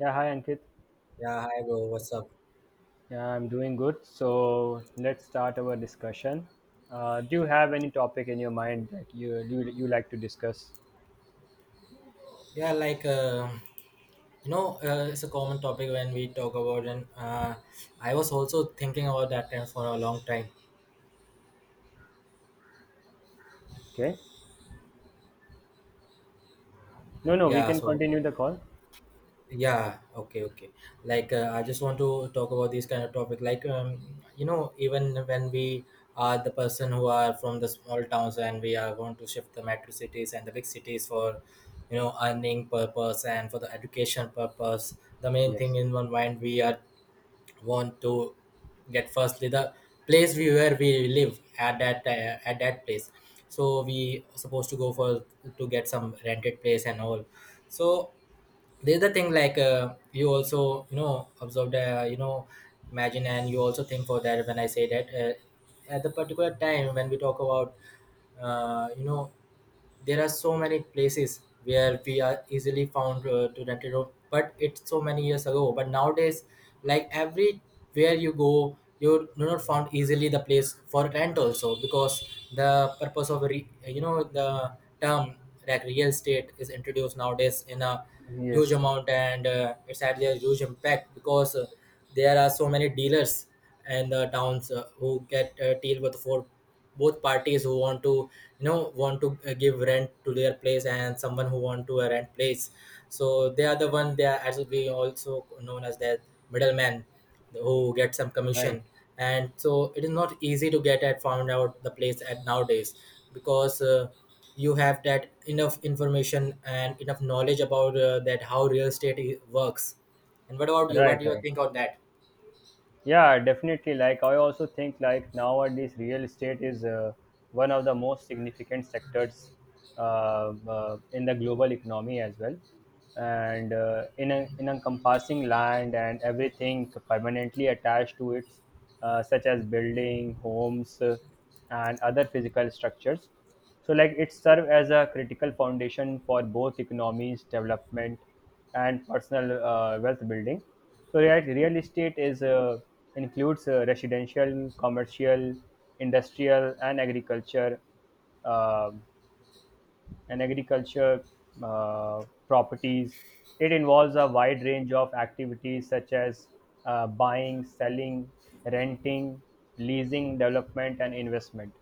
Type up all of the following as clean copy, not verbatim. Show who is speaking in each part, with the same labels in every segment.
Speaker 1: Yeah, hi Ankit.
Speaker 2: Yeah, hi bro, what's up?
Speaker 1: Yeah, I'm doing good. So let's start our discussion. Do you have any topic in your mind that you like to discuss?
Speaker 2: Yeah, like uh, it's a common topic when we talk about, and I was also thinking about that time for a long time.
Speaker 1: Okay. No, no, we
Speaker 2: Yeah,
Speaker 1: can
Speaker 2: so
Speaker 1: continue the call.
Speaker 2: yeah, okay, okay. I just want to talk about this kind of topic. You know, even when we are the person who are from the small towns and we are going to shift the metro cities and the big cities for you know earning purpose and for the education purpose the main thing
Speaker 1: Yes.
Speaker 2: in one mind we are want to get firstly the place we where we live at that place, so we supposed to go for to get some rented place and all. So there's the thing like you also you know observe the you know imagine and you also think for that when I say that at the particular time when we talk about you know there are so many places where we are easily found to that road but it's so many years ago but nowadays like everywhere you go you do not found easily the place for rent also because the purpose of re- you know the term like real estate is introduced nowadays in a huge
Speaker 1: Yes.
Speaker 2: amount and it's had a huge impact because there are so many dealers and the towns who get deal with for both parties who want to you know want to give rent to their place and someone who want to rent place. So they are the one, they are actually also known as the middleman who get some
Speaker 1: Right.
Speaker 2: commission, and so it is not easy to get at found out the place at nowadays because you have that enough information and enough knowledge about that how real works. And what about you,
Speaker 1: Right.
Speaker 2: what do you
Speaker 1: Right.
Speaker 2: think on that?
Speaker 1: Yeah, definitely. Like, I also think like nowadays real estate is one of the most significant sectors in the global economy as well, and in encompassing land and everything permanently attached to it, such as building, homes, and other physical structures. So like it served as a critical foundation for both economies development and personal wealth building. So real estate is, includes residential, commercial, industrial, and um agriculture properties. It involves a wide range of activities such as buying, selling, renting, leasing, development, and investment.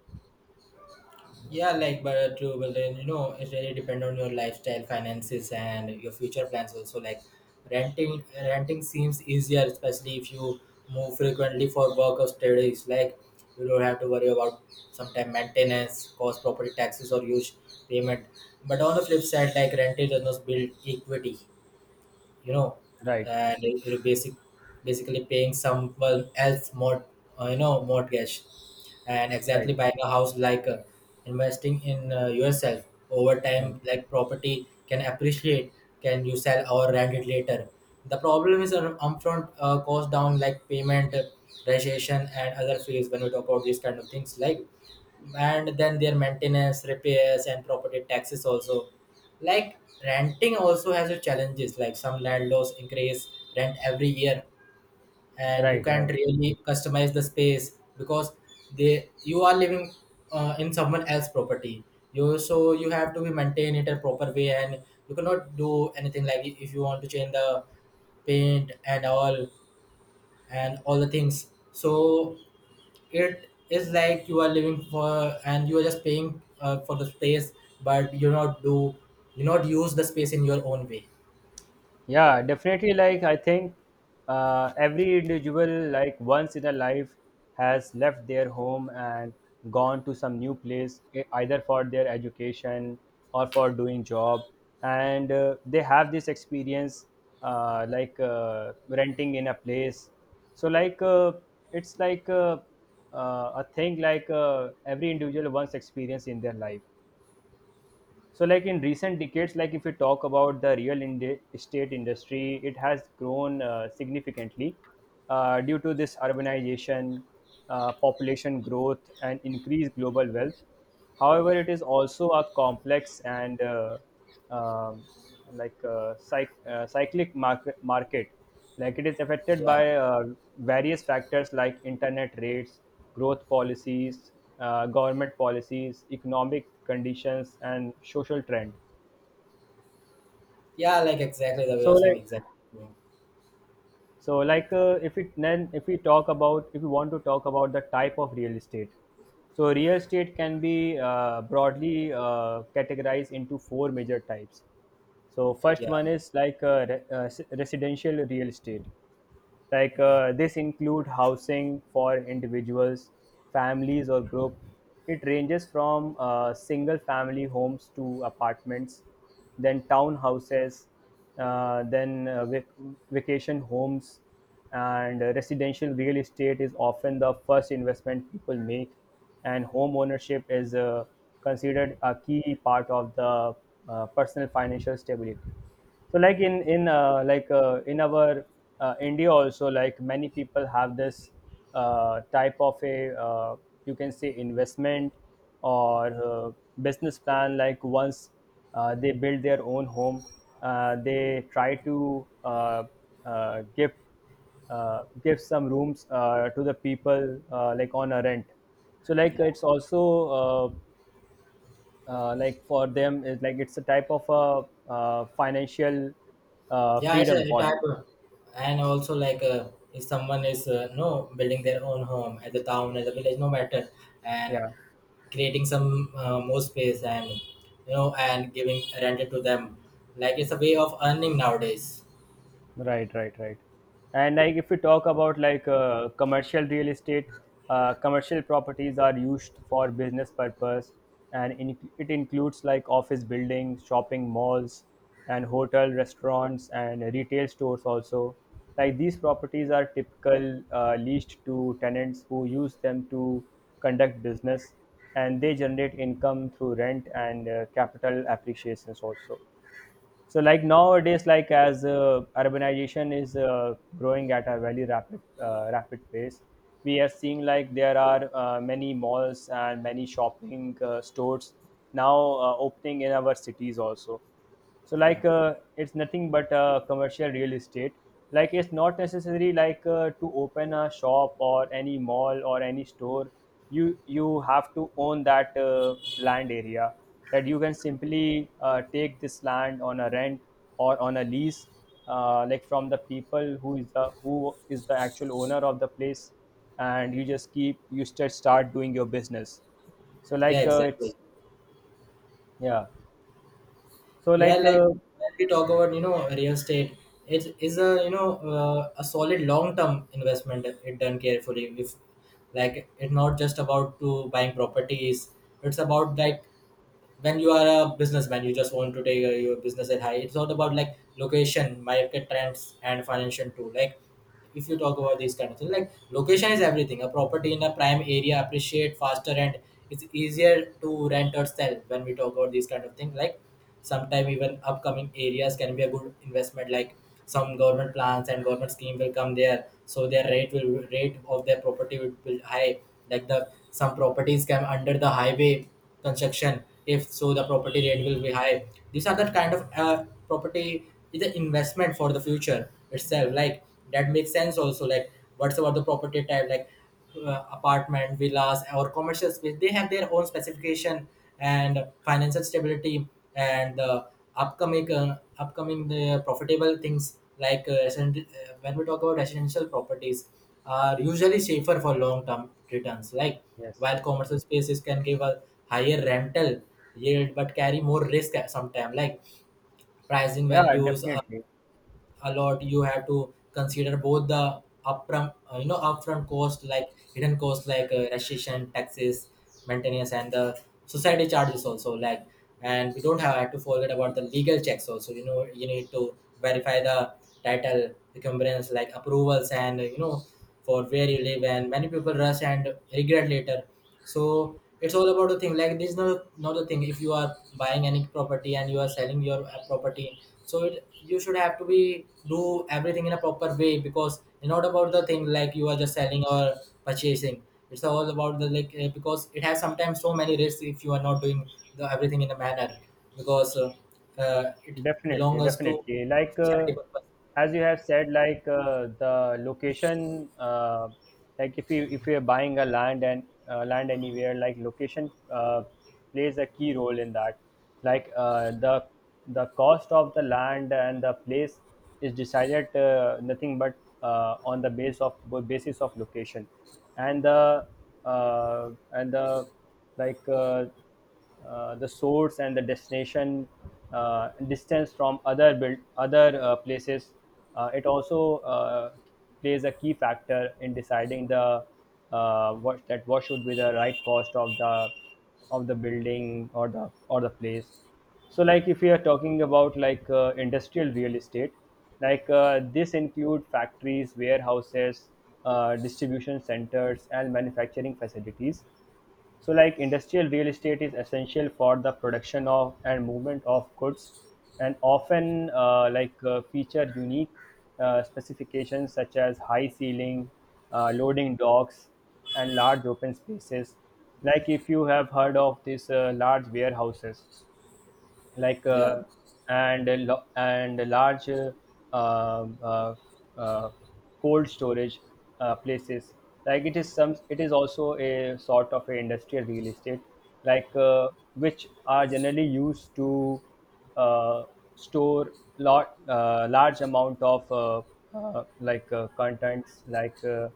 Speaker 2: Yeah, like but true. But then you know it really depend on your lifestyle, finances, and your future plans also. Like renting seems easier, especially if you move frequently for work or studies. Like you don't have to worry about sometime maintenance, cost, property taxes, or huge payment. But on the flip side, like renting does not build equity you know,
Speaker 1: Right,
Speaker 2: and basically paying someone else more, you know, mortgage, and
Speaker 1: right,
Speaker 2: exactly buying a house like investing in yourself over
Speaker 1: right,
Speaker 2: time, like property can appreciate, can you sell or rent it later. The problem is an upfront cost down like payment, registration, and other fees when we talk about these kind of things like, and then their maintenance repairs and property taxes also, like renting also has a challenges like some landlords increase rent every year and you
Speaker 1: right,
Speaker 2: can't
Speaker 1: right.
Speaker 2: really customize the space because they you are living in someone else's property, you so you have to be maintain it a proper way and you cannot do anything like if you want to change the paint and all the things. So it is like you are living for and you are just paying for the space but you not do, you not use the space in your own way.
Speaker 1: Yeah, definitely. Like, I think every individual, like, once in a life has left their home and gone to some new place, either for their education or for doing job. And they have this experience, like, renting in a place. So, like, it's like a thing like every individual once experience in their life. So, like in recent decades, like if you talk about the estate industry, it has grown significantly due to this urbanization, population growth, and increased global wealth. However, it is also a complex and, um, like, cyclic market, like it is affected
Speaker 2: Yeah,
Speaker 1: by various factors like internet rates, growth policies, government policies, economic conditions, and social trend.
Speaker 2: yeah, like exactly the way
Speaker 1: so
Speaker 2: you're saying
Speaker 1: like
Speaker 2: exactly.
Speaker 1: so like if it then if we talk about if we want to talk about the type of real estate. So real estate can be broadly categorized into four major types. So first
Speaker 2: Yeah,
Speaker 1: one is like residential real estate. Like
Speaker 2: yeah,
Speaker 1: this include housing for individuals, families, or group. It ranges from single family homes to apartments, then townhouses, then vacation homes. And residential real estate is often the first investment people make, and home ownership is considered a key part of the personal financial stability. So like in our India also, like many people have this type of a uh, you can say investment, or business plan. Like once they build their own home, they try to uh, give give some rooms to the people like on a rent. So like
Speaker 2: yeah,
Speaker 1: it's also, uh, like for them is like it's a type of a financial
Speaker 2: yeah, it's
Speaker 1: freedom
Speaker 2: a
Speaker 1: for
Speaker 2: type
Speaker 1: them.
Speaker 2: of, and also like if someone is no building their own home at the town at the village no matter and
Speaker 1: Yeah.
Speaker 2: creating some more space and you know and giving rented to them, like it's a way of earning nowadays.
Speaker 1: Right, right, right. And like if we talk about like commercial real estate, commercial properties are used for business purpose, and it includes like office buildings, shopping malls, and hotel restaurants and retail stores also. Like these properties are typical leased to tenants who use them to conduct business, and they generate income through rent and capital appreciations also. So like nowadays, like as urbanization is growing at a very rapid pace, we are seeing like there are many malls and many shopping stores now opening in our cities also. So
Speaker 2: Yeah,
Speaker 1: like it's nothing but commercial real estate. Like it's not necessary like to open a shop or any mall or any store. You have to own that land area, that you can simply take this land on a rent or on a lease, like from the people who is the actual owner of the place, and you just start doing your business. So
Speaker 2: yeah,
Speaker 1: like, it's
Speaker 2: exactly.
Speaker 1: yeah. So
Speaker 2: Yeah,
Speaker 1: like,
Speaker 2: like when we talk about, you know, real estate, it is a, you know, a solid long-term investment if it done carefully. If like it's not just about to buying properties, it's about like
Speaker 1: yes.
Speaker 2: when you are a businessman, you just want to take your business at high. It's not about like location, market trends, and financial too. Like if you talk about this kind of thing like location is everything, a property in a prime area appreciate faster and it's easier to rent or sell when we talk about this kind of thing like sometime even upcoming areas can be a good investment like some government plans and government scheme will come there so their rate will rate of their property will be high, like the some properties come under the highway construction if so the property rate will be high. These are the kind of property is an investment for the future itself like that makes sense also. Like what's about the property type like apartment villas or commercial space, they have their own specification and financial stability and the upcoming the profitable things like when we talk about residential properties are usually safer for long term returns, like
Speaker 1: Yes.
Speaker 2: while commercial spaces can give a higher rental yield but carry more risk at some time like pricing
Speaker 1: Yeah,
Speaker 2: values.
Speaker 1: definitely,
Speaker 2: A lot you have to consider both the upfront you know upfront cost like hidden cost like registration taxes, maintenance and the society charges also, like and we don't have to forget about the legal checks also, you know you need to verify the title recompense like approvals and you know for where you live, and many people rush and regret later. So it's all about the thing. Like this, is not not the thing. If you are buying any property and you are selling your property, so it, you should have to be do everything in a proper way because it's not about the thing like you are just selling or purchasing. It's all about the like because it has sometimes so many risks if you are not doing the everything in a manner because it
Speaker 1: definitely,
Speaker 2: belongs to
Speaker 1: definitely. Like
Speaker 2: charity purpose.
Speaker 1: as you have said, like the location, like if you are buying a land and land anywhere, like location plays a key role in that. Like the cost of the land and the place is decided, nothing but on the base of basis of location. And the and the like. The source and the destination distance from other places, it also plays a key factor in deciding the, what should be the right cost of the building or the place. So, like if we are talking about like industrial real estate, like this include factories, warehouses, distribution centers, and manufacturing facilities. So like industrial real estate is essential for the production of and movement of goods, and often like feature unique specifications such as high ceiling, loading docks, and large open spaces. Like if you have heard of these large warehouses, like
Speaker 2: Yeah,
Speaker 1: and a large uh, uh, cold storage places, like it is also a sort of a industrial real estate, like which are generally used to uh, store, lot large amount of contents, like, uh,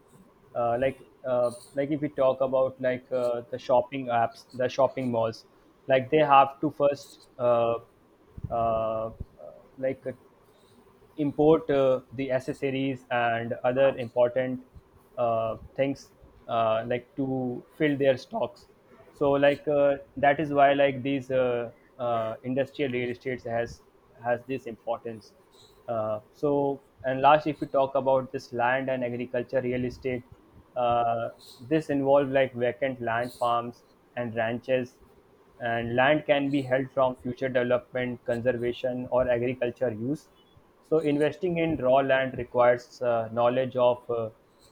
Speaker 1: uh, like uh, like if we talk about like the shopping malls, like they have to first uh, uh, like uh, import the accessories and other important things, like to fill their stocks. So like that is why like these industrial real estates has this importance. So, and last, if we talk about this land and agriculture real estate, uh, this involve like vacant land, farms, and ranches, and land can be held from future development, conservation, or agriculture use. So investing in raw land requires knowledge of uh,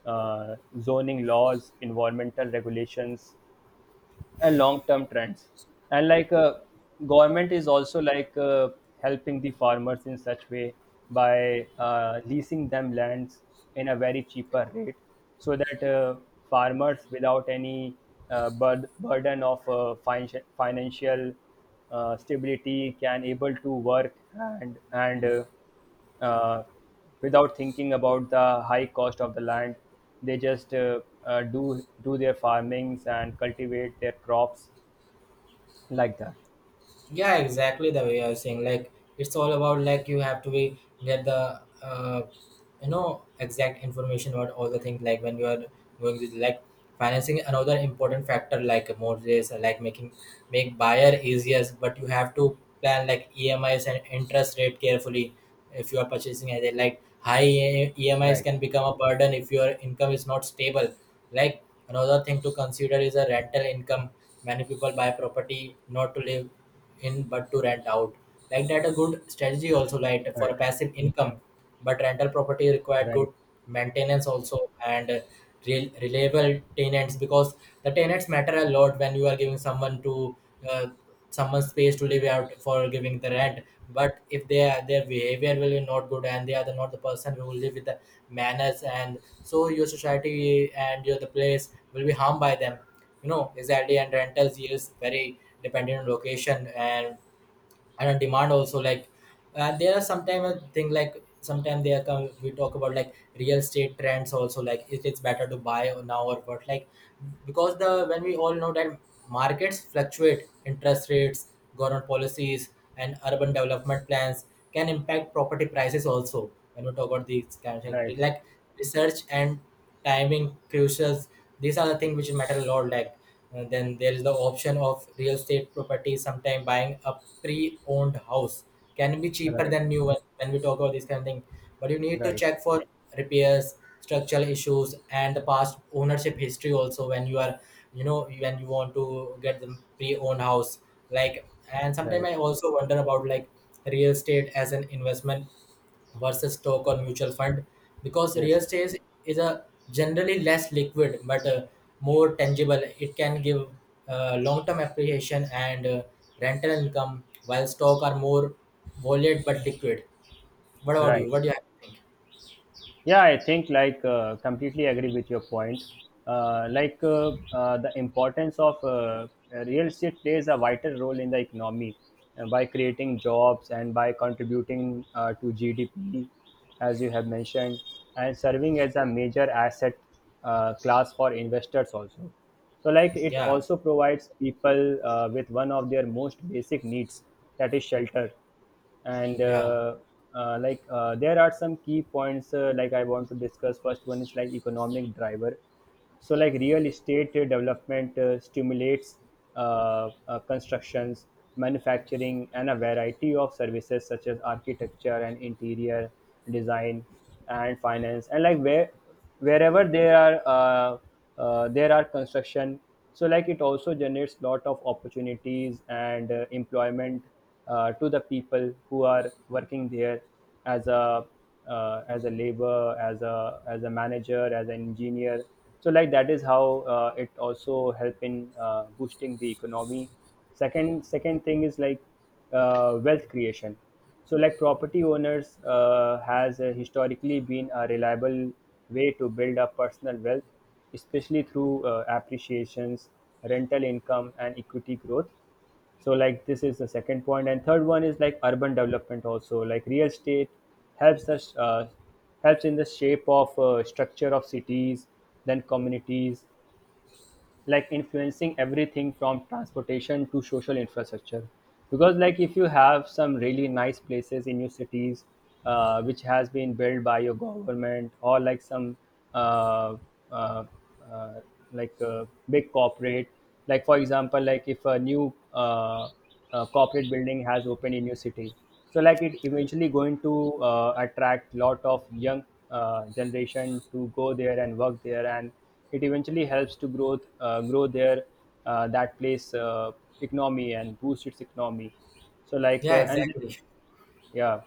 Speaker 1: uh, zoning laws, environmental regulations, and long-term trends. And like government is also like helping the farmers in such way, by leasing them lands in a very cheaper rate, so that farmers without any burden of financial stability can able to work and uh, without thinking about the high cost of the land. They just do their farmings and cultivate their crops, like that.
Speaker 2: yeah exactly the way I was saying like it's all about like you have to be get the you know exact information about all the things like when you are going to like financing another important factor like a mortgage like making make buyer easier but you have to plan like E M I's and interest rate carefully if you are purchasing as a like high emis
Speaker 1: Right,
Speaker 2: can become a burden if your income is not stable, like another thing to consider is a rental income. Many people buy property not to live in but to rent out. Like that, a good strategy also like for
Speaker 1: right,
Speaker 2: a passive income, but rental property required
Speaker 1: right,
Speaker 2: good maintenance also and reliable tenants because the tenants matter a lot when you are giving someone to uh, someone space to live out for giving the rent. But if they are, their behavior will be not good and they are the, not the person who will live with the manners and so your society and your the place will be harmed by them you know exactly, and rentals is very dependent on location and on demand also, like there are sometimes a thing like sometimes they are come we talk about like real estate trends also like if it's better to buy or now or what like because the when we all know that markets fluctuate interest rates, government policies and urban development plans can impact property prices also when we talk about these kind of
Speaker 1: right,
Speaker 2: things,
Speaker 1: right,
Speaker 2: like research and timing crucials, these are the things which matter a lot like, then there is the option of real estate property. Sometime buying a pre-owned house can be cheaper
Speaker 1: right,
Speaker 2: than new one when we talk about this kind of thing. But you need
Speaker 1: right,
Speaker 2: to
Speaker 1: right.
Speaker 2: check for repairs, structural issues, and the past ownership history also when you are, you know, when you want to get the pre-owned house. Like, and sometimes
Speaker 1: Right.
Speaker 2: I also wonder about like real estate as an investment versus stock or mutual fund because real
Speaker 1: Yes,
Speaker 2: estate is a generally less liquid but more tangible. It can give long-term appreciation and rental income, while stock are more volatile but liquid. What about
Speaker 1: right.
Speaker 2: you? What do you think?
Speaker 1: Yeah, I think like completely agree with your point. Like the importance of real estate plays a vital role in the economy by creating jobs and by contributing to GDP, as you have mentioned, and serving as a major asset class for investors also. So like it
Speaker 2: Yeah,
Speaker 1: also provides people with one of their most basic needs, that is shelter. And
Speaker 2: yeah,
Speaker 1: like there are some key points like I want to discuss. First one is like economic driver. So like real estate development stimulates constructions, manufacturing, and a variety of services such as architecture and interior design and finance. And like wherever there are, uh, there are construction, so like it also generates lot of opportunities and employment to the people who are working there as a, as a labor, as a, as a manager, as an engineer. So like that is how it also help in boosting the economy. Second thing is like wealth creation. So like property owners has historically been a reliable way to build up personal wealth, especially through appreciations, rental income, and equity growth. So, like, this is the second point, and third one is like urban development also. Like, real estate helps us helps in the shape of structure of cities, then communities, like influencing everything from transportation to social infrastructure, because like if you have some really nice places in your cities, which has been built by your government or like some uh, uh, uh, like uh, big corporate. Like for example, like if a new corporate building has opened in your city, so like it eventually going to attract lot of young generation to go there and work there, and it eventually helps to grow their that place economy and boost its economy. So like
Speaker 2: yeah,
Speaker 1: and
Speaker 2: exactly.
Speaker 1: Yeah.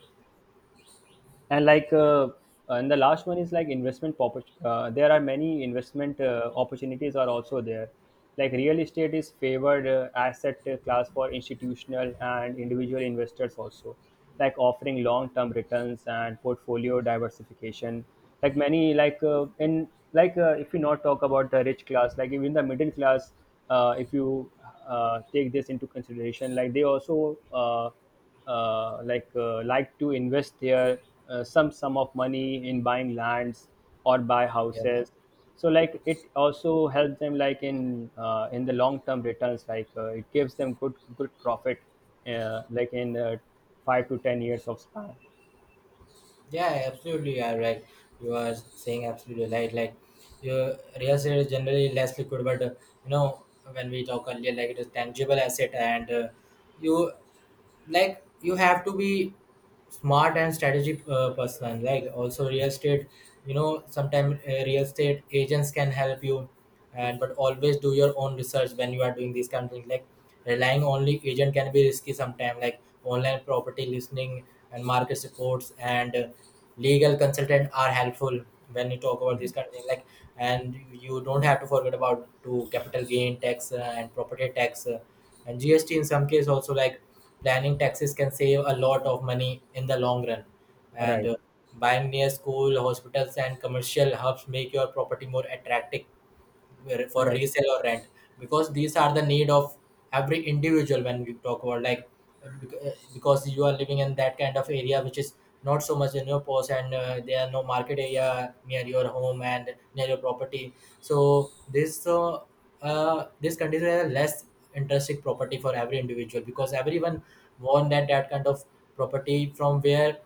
Speaker 1: And and the last one is like there are many investment opportunities are also there. Like real estate is favored asset class for institutional and individual investors also, like offering long term returns and portfolio diversification. Like many like in like if you not talk about the rich class, like even the middle class, if you take this into consideration, like they also like to invest their some sum of money in buying lands or buy
Speaker 2: Yeah,
Speaker 1: houses. So like it also helps them like in the long term returns, like it gives them good good profit, like in 5 to 10 years of span.
Speaker 2: yeah, absolutely. Yeah, right, you are saying absolutely right. Like, your real estate is generally less liquid but uh, you know when we talk earlier, like, it is tangible asset, and you, like, you have to be smart and strategic person. Like, also, real estate, you know, sometimes real estate agents can help you, and but always do your own research when you are doing these kind of things. Like, relying only agent can be risky sometimes, like online property listing and market reports and legal consultant are helpful when you talk about these kind of things. Like, and you don't have to forget about to capital gain tax and property tax and gst in some case also. Like, planning taxes can save a lot of money in the long run, and
Speaker 1: Right,
Speaker 2: buying near school hospitals and commercial hubs make your property more attractive for
Speaker 1: right,
Speaker 2: resale or rent, because these are the need of every individual when we talk about like because you are living in that kind of area which is not so much in your post, and there are no market area near your home and near your property. So this this condition is a less interesting property for every individual, because everyone want that that kind of property from where,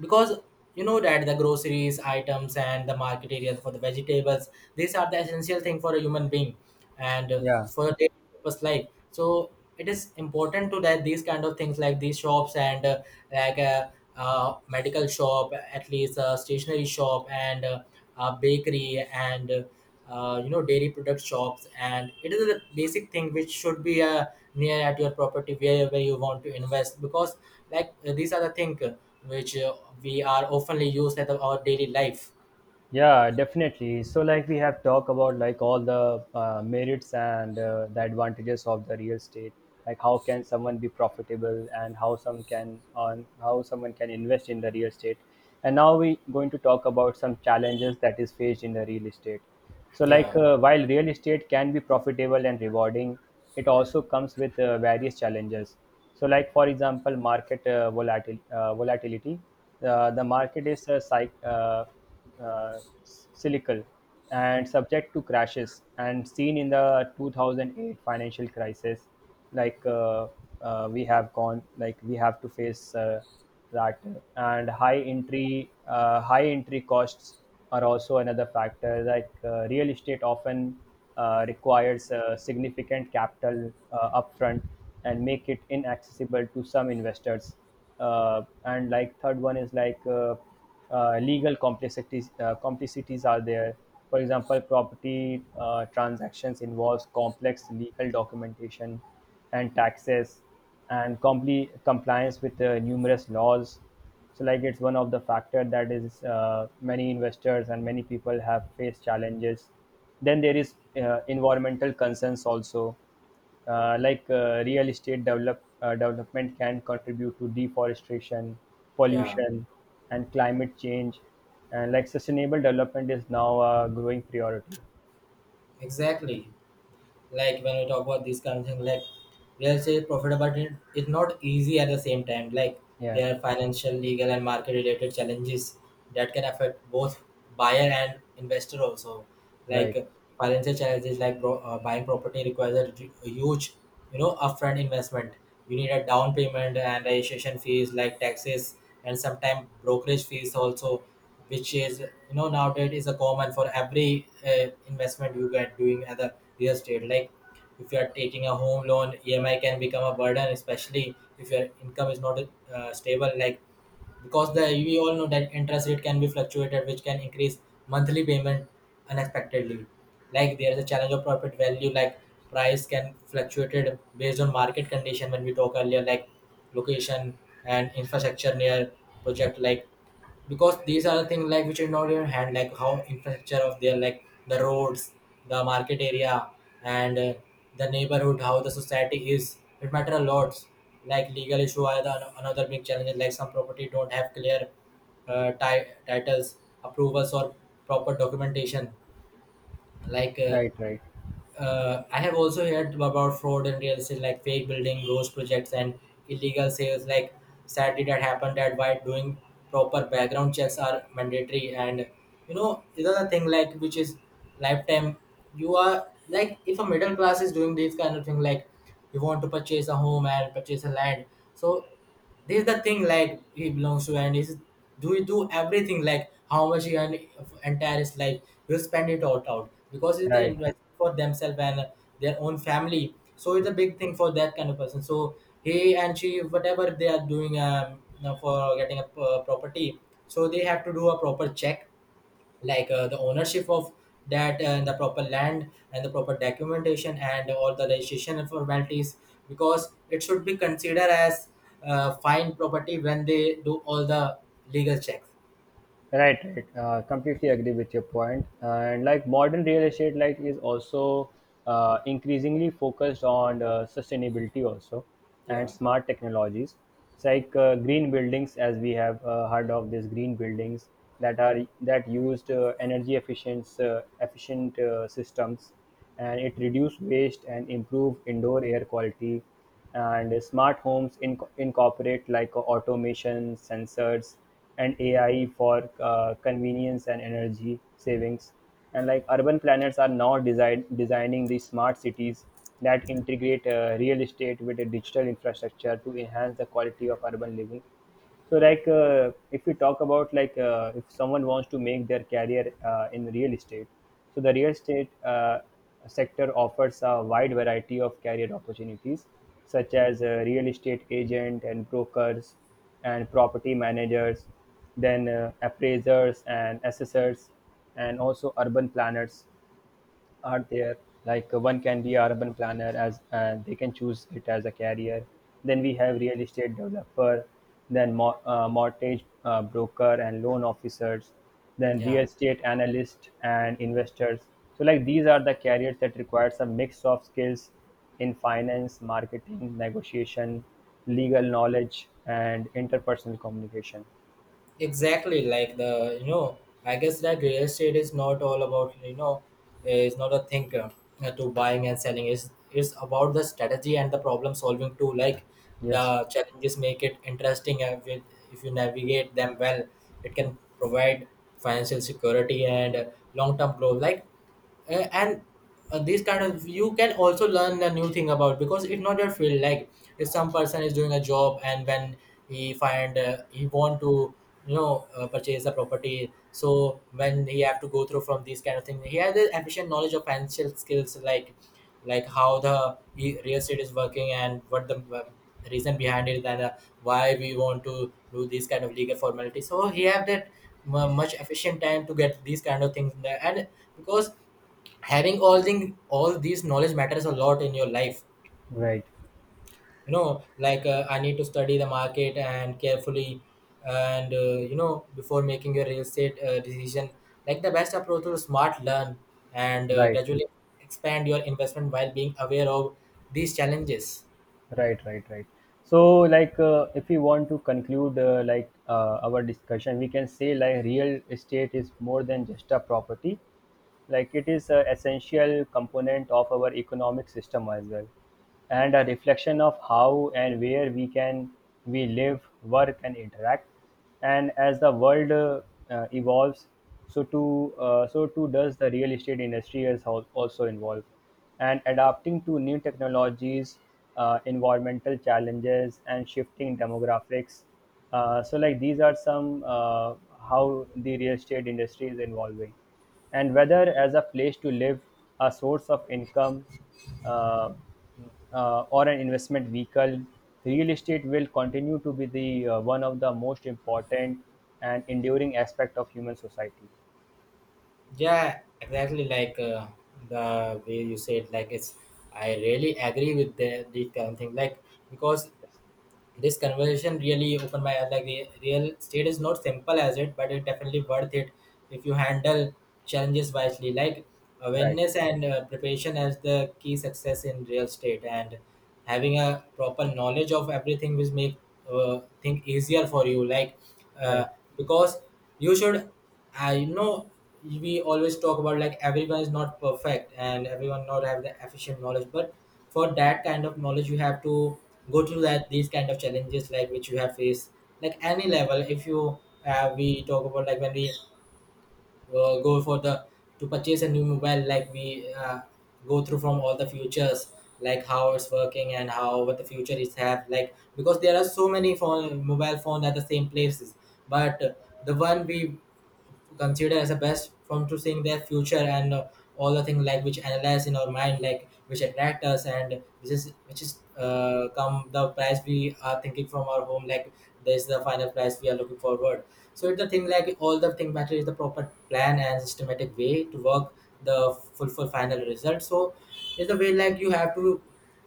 Speaker 2: because you know that the groceries items and the market areas for the vegetables, these are the essential thing for a human being and
Speaker 1: yeah.
Speaker 2: for a daily purpose life. So it is important to that these kind of things, like these shops and like a medical shop, at least a stationery shop and a bakery and you know, dairy product shops, and it is the basic thing which should be near at your property wherever you want to invest, because these are the thing which we are oftenly used at our daily life.
Speaker 1: Yeah, definitely. So, like we have talked about like all the merits and the advantages of the real estate, like how can someone be profitable and how someone can invest in the real estate. And now we going to talk about some challenges that is faced in the real estate. So, like
Speaker 2: Yeah,
Speaker 1: while real estate can be profitable and rewarding, it also comes with various challenges. So, like for example, volatility. The market is a cycle uh, cyclical and subject to crashes, and seen in the 2008 financial crisis. like uh, we have gone, like we have to face that. And high entry costs are also another factor. Like real estate often requires significant capital upfront and make it inaccessible to some investors. And like third one is legal complexities are there. For example, property transactions involves complex legal documentation and taxes, and compliance with numerous laws. So, like it's one of the factor that is many investors and many people have faced challenges. Then there is environmental concerns also. Real estate development can contribute to deforestation,
Speaker 2: yeah,
Speaker 1: pollution, and climate change. And like sustainable development is now a growing priority.
Speaker 2: exactly. Like, when we talk about this kind of thing, like real estate profitability, it is not easy at the same time. Like,
Speaker 1: Yeah,
Speaker 2: there are financial, legal, and market related challenges that can affect both buyer and investor also.
Speaker 1: right,
Speaker 2: Like financial challenges, like buying property requires a, a huge, you know, upfront investment. You need a down payment and registration fees, like taxes, and sometimes brokerage fees also, which is, you know, nowadays is a common for every investment you get doing at the real estate. Like, if you are taking a home loan, emi can become a burden, especially if your income is not stable. Like, because the we all know that interest rate can be fluctuated, which can increase monthly payment unexpectedly. Like, there is a challenge of profit value. Like, price can fluctuated based on market condition, when we talk earlier, like location and infrastructure near project. Like, because these are the things like which are not in your hand, like how infrastructure of their, like the roads, the market area, and the neighborhood, how the society is, it matter a lot. Like, legal issue are the, another big challenge. Like, some property don't have clear titles, approvals, or proper documentation. Like
Speaker 1: right, right,
Speaker 2: I have also heard about fraud in real estate, like fake building, ghost projects, and illegal sales. Like, sadly, that happened. That why doing proper background checks are mandatory. And you know, another thing like which is lifetime. You are, like, if a middle class is doing this kind of thing, like you want to purchase a home and purchase a land. So this is the thing like he belongs to, and is, do you do everything, like how much he earn entire is, like you spend it all out, because it's the
Speaker 1: right.
Speaker 2: investment for themselves and their own family. So it's a
Speaker 1: Yes.
Speaker 2: big thing for that kind of person. So he and she, whatever they are doing, you for getting a property, so they have to do a proper check, like the ownership of that, and the proper land, and the proper documentation, and all the registration formalities, because it should be considered as fine property when they do all the legal checks.
Speaker 1: Right, right. Completely agree with your point. And like modern real estate, like is also increasingly focused on sustainability also, and
Speaker 2: Yeah,
Speaker 1: smart technologies. It's like green buildings, as we have heard of these green buildings, that are that used energy efficient systems, and it reduce waste and improve indoor air quality. And smart homes incorporate like automation sensors and ai for convenience and energy savings. And like urban planners are now designing these smart cities that integrate real estate with a digital infrastructure to enhance the quality of urban living. So if we talk about like if someone wants to make their career in real estate, so the real estate sector offers a wide variety of career opportunities, such as real estate agent and brokers, and property managers, then appraisers and assessors, and also urban planners are there. Like one can be a urban planner, as they can choose it as a career. Then we have real estate developer, then mortgage broker and loan officers, then
Speaker 2: yeah,
Speaker 1: real estate analyst and investors. So like these are the careers that requires a mix of skills in finance, marketing, negotiation, legal knowledge, and interpersonal communication.
Speaker 2: exactly. Like, the, you know, I guess that real estate is not all about, you know, it's not a thing to buying and selling. It's about the strategy and the problem solving too. Like, the
Speaker 1: Yes,
Speaker 2: challenges make it interesting, and with, if you navigate them well, it can provide financial security and long term growth. Like and this kind of, you can also learn a new thing about, because it's not your field. Like, if some person is doing a job and when he find he want to, you know, purchase a property, so when he have to go through from these kind of thing, he has the efficient knowledge of financial skills. Like how the real estate is working, and what the reason behind it, and why we want to do these kind of legal formalities, so he have that mu much efficient time to get these kind of things in there. And because having all thing, all these knowledge matters a lot in your life,
Speaker 1: right,
Speaker 2: you know. Like I need to study the market and carefully, and you know, before making your real estate decision, like the best approach to smart learn and
Speaker 1: right.
Speaker 2: gradually expand your investment while being aware of these challenges.
Speaker 1: Right, right, right. So, like, if we want to conclude, our discussion, we can say, like, real estate is more than just a property, like it is an essential component of our economic system as well, and a reflection of how and where we can we live, work, and interact. And as the world evolves, so too does the real estate industry is also involved and adapting to new technologies, environmental challenges, and shifting demographics. So like these are some how the real estate industry is evolving. And whether as a place to live, a source of income, uh, or an investment vehicle, real estate will continue to be the one of the most important and enduring aspect of human society.
Speaker 2: Yeah, exactly. Like the way you said, like it's, I really agree with the kind of thing, like, because
Speaker 1: Yes.
Speaker 2: this conversation really opened my eyes. Like real estate is not simple as it, but it definitely worth it if you handle challenges wisely. Like,
Speaker 1: Right,
Speaker 2: awareness and preparation as the key success in real estate, and having a proper knowledge of everything will make thing easier for you. Like uh,
Speaker 1: right,
Speaker 2: because you should, I know we always talk about like everyone is not perfect and everyone not have the efficient knowledge, but for that kind of knowledge you have to go through that these kind of challenges like which you have faced. Like, any level, if you we talk about like when we go for the to purchase a new mobile, like we go through from all the futures, like how it's working and how what the future is have, like because there are so many phone mobile phones at the same places. But the one we consider as a best from to seeing their future, and all the things like which analyze in our mind, like which attract us, and which is uh, come the price we are thinking from our home. Like, this is the final price we are looking forward. So it's the thing like all the thing matter is the proper plan and systematic way to work the full for final result. So it's the way like you have to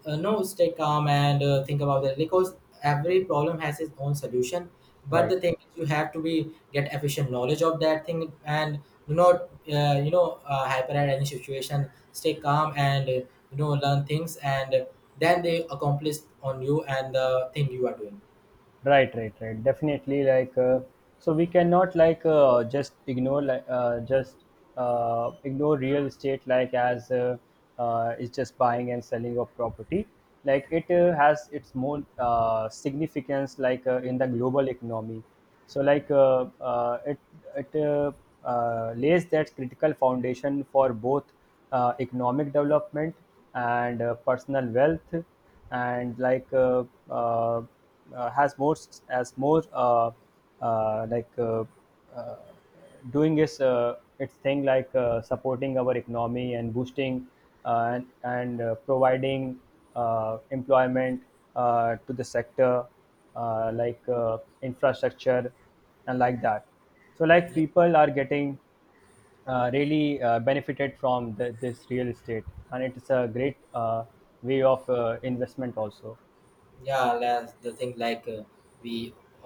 Speaker 2: no stay calm and think about that, because every problem has its own solution. But
Speaker 1: right.
Speaker 2: the thing is you have to be get efficient knowledge of that thing, and do not you know, hyper at any situation. Stay calm and you know, learn things and then they accomplish on you and the thing you are doing.
Speaker 1: Right, right, right. Definitely. So we cannot like just ignore like just ignore real estate like as it's just buying and selling of property. Like it has its more significance like in the global economy. So like it it lays that critical foundation for both economic development and personal wealth. And uh, has more uh, like uh, uh, doing its thing, like supporting our economy and boosting, and providing employment to the sector, infrastructure and like that. So like people are getting really benefited from the, this real estate, and it's a great way of investment also.
Speaker 2: Yeah, last the thing, like we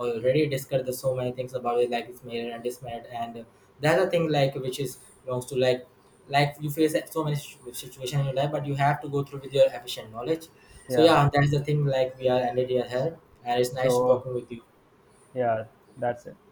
Speaker 2: already discussed the so many things about it, like it's made and it's made, and the other thing like which is belongs to, like you face so many situation in your life, but you have to go through with your efficient knowledge. So
Speaker 1: Yeah.
Speaker 2: yeah, that's the thing, like we are ended here, and it's nice to
Speaker 1: So
Speaker 2: talking with you.
Speaker 1: yeah, that's it.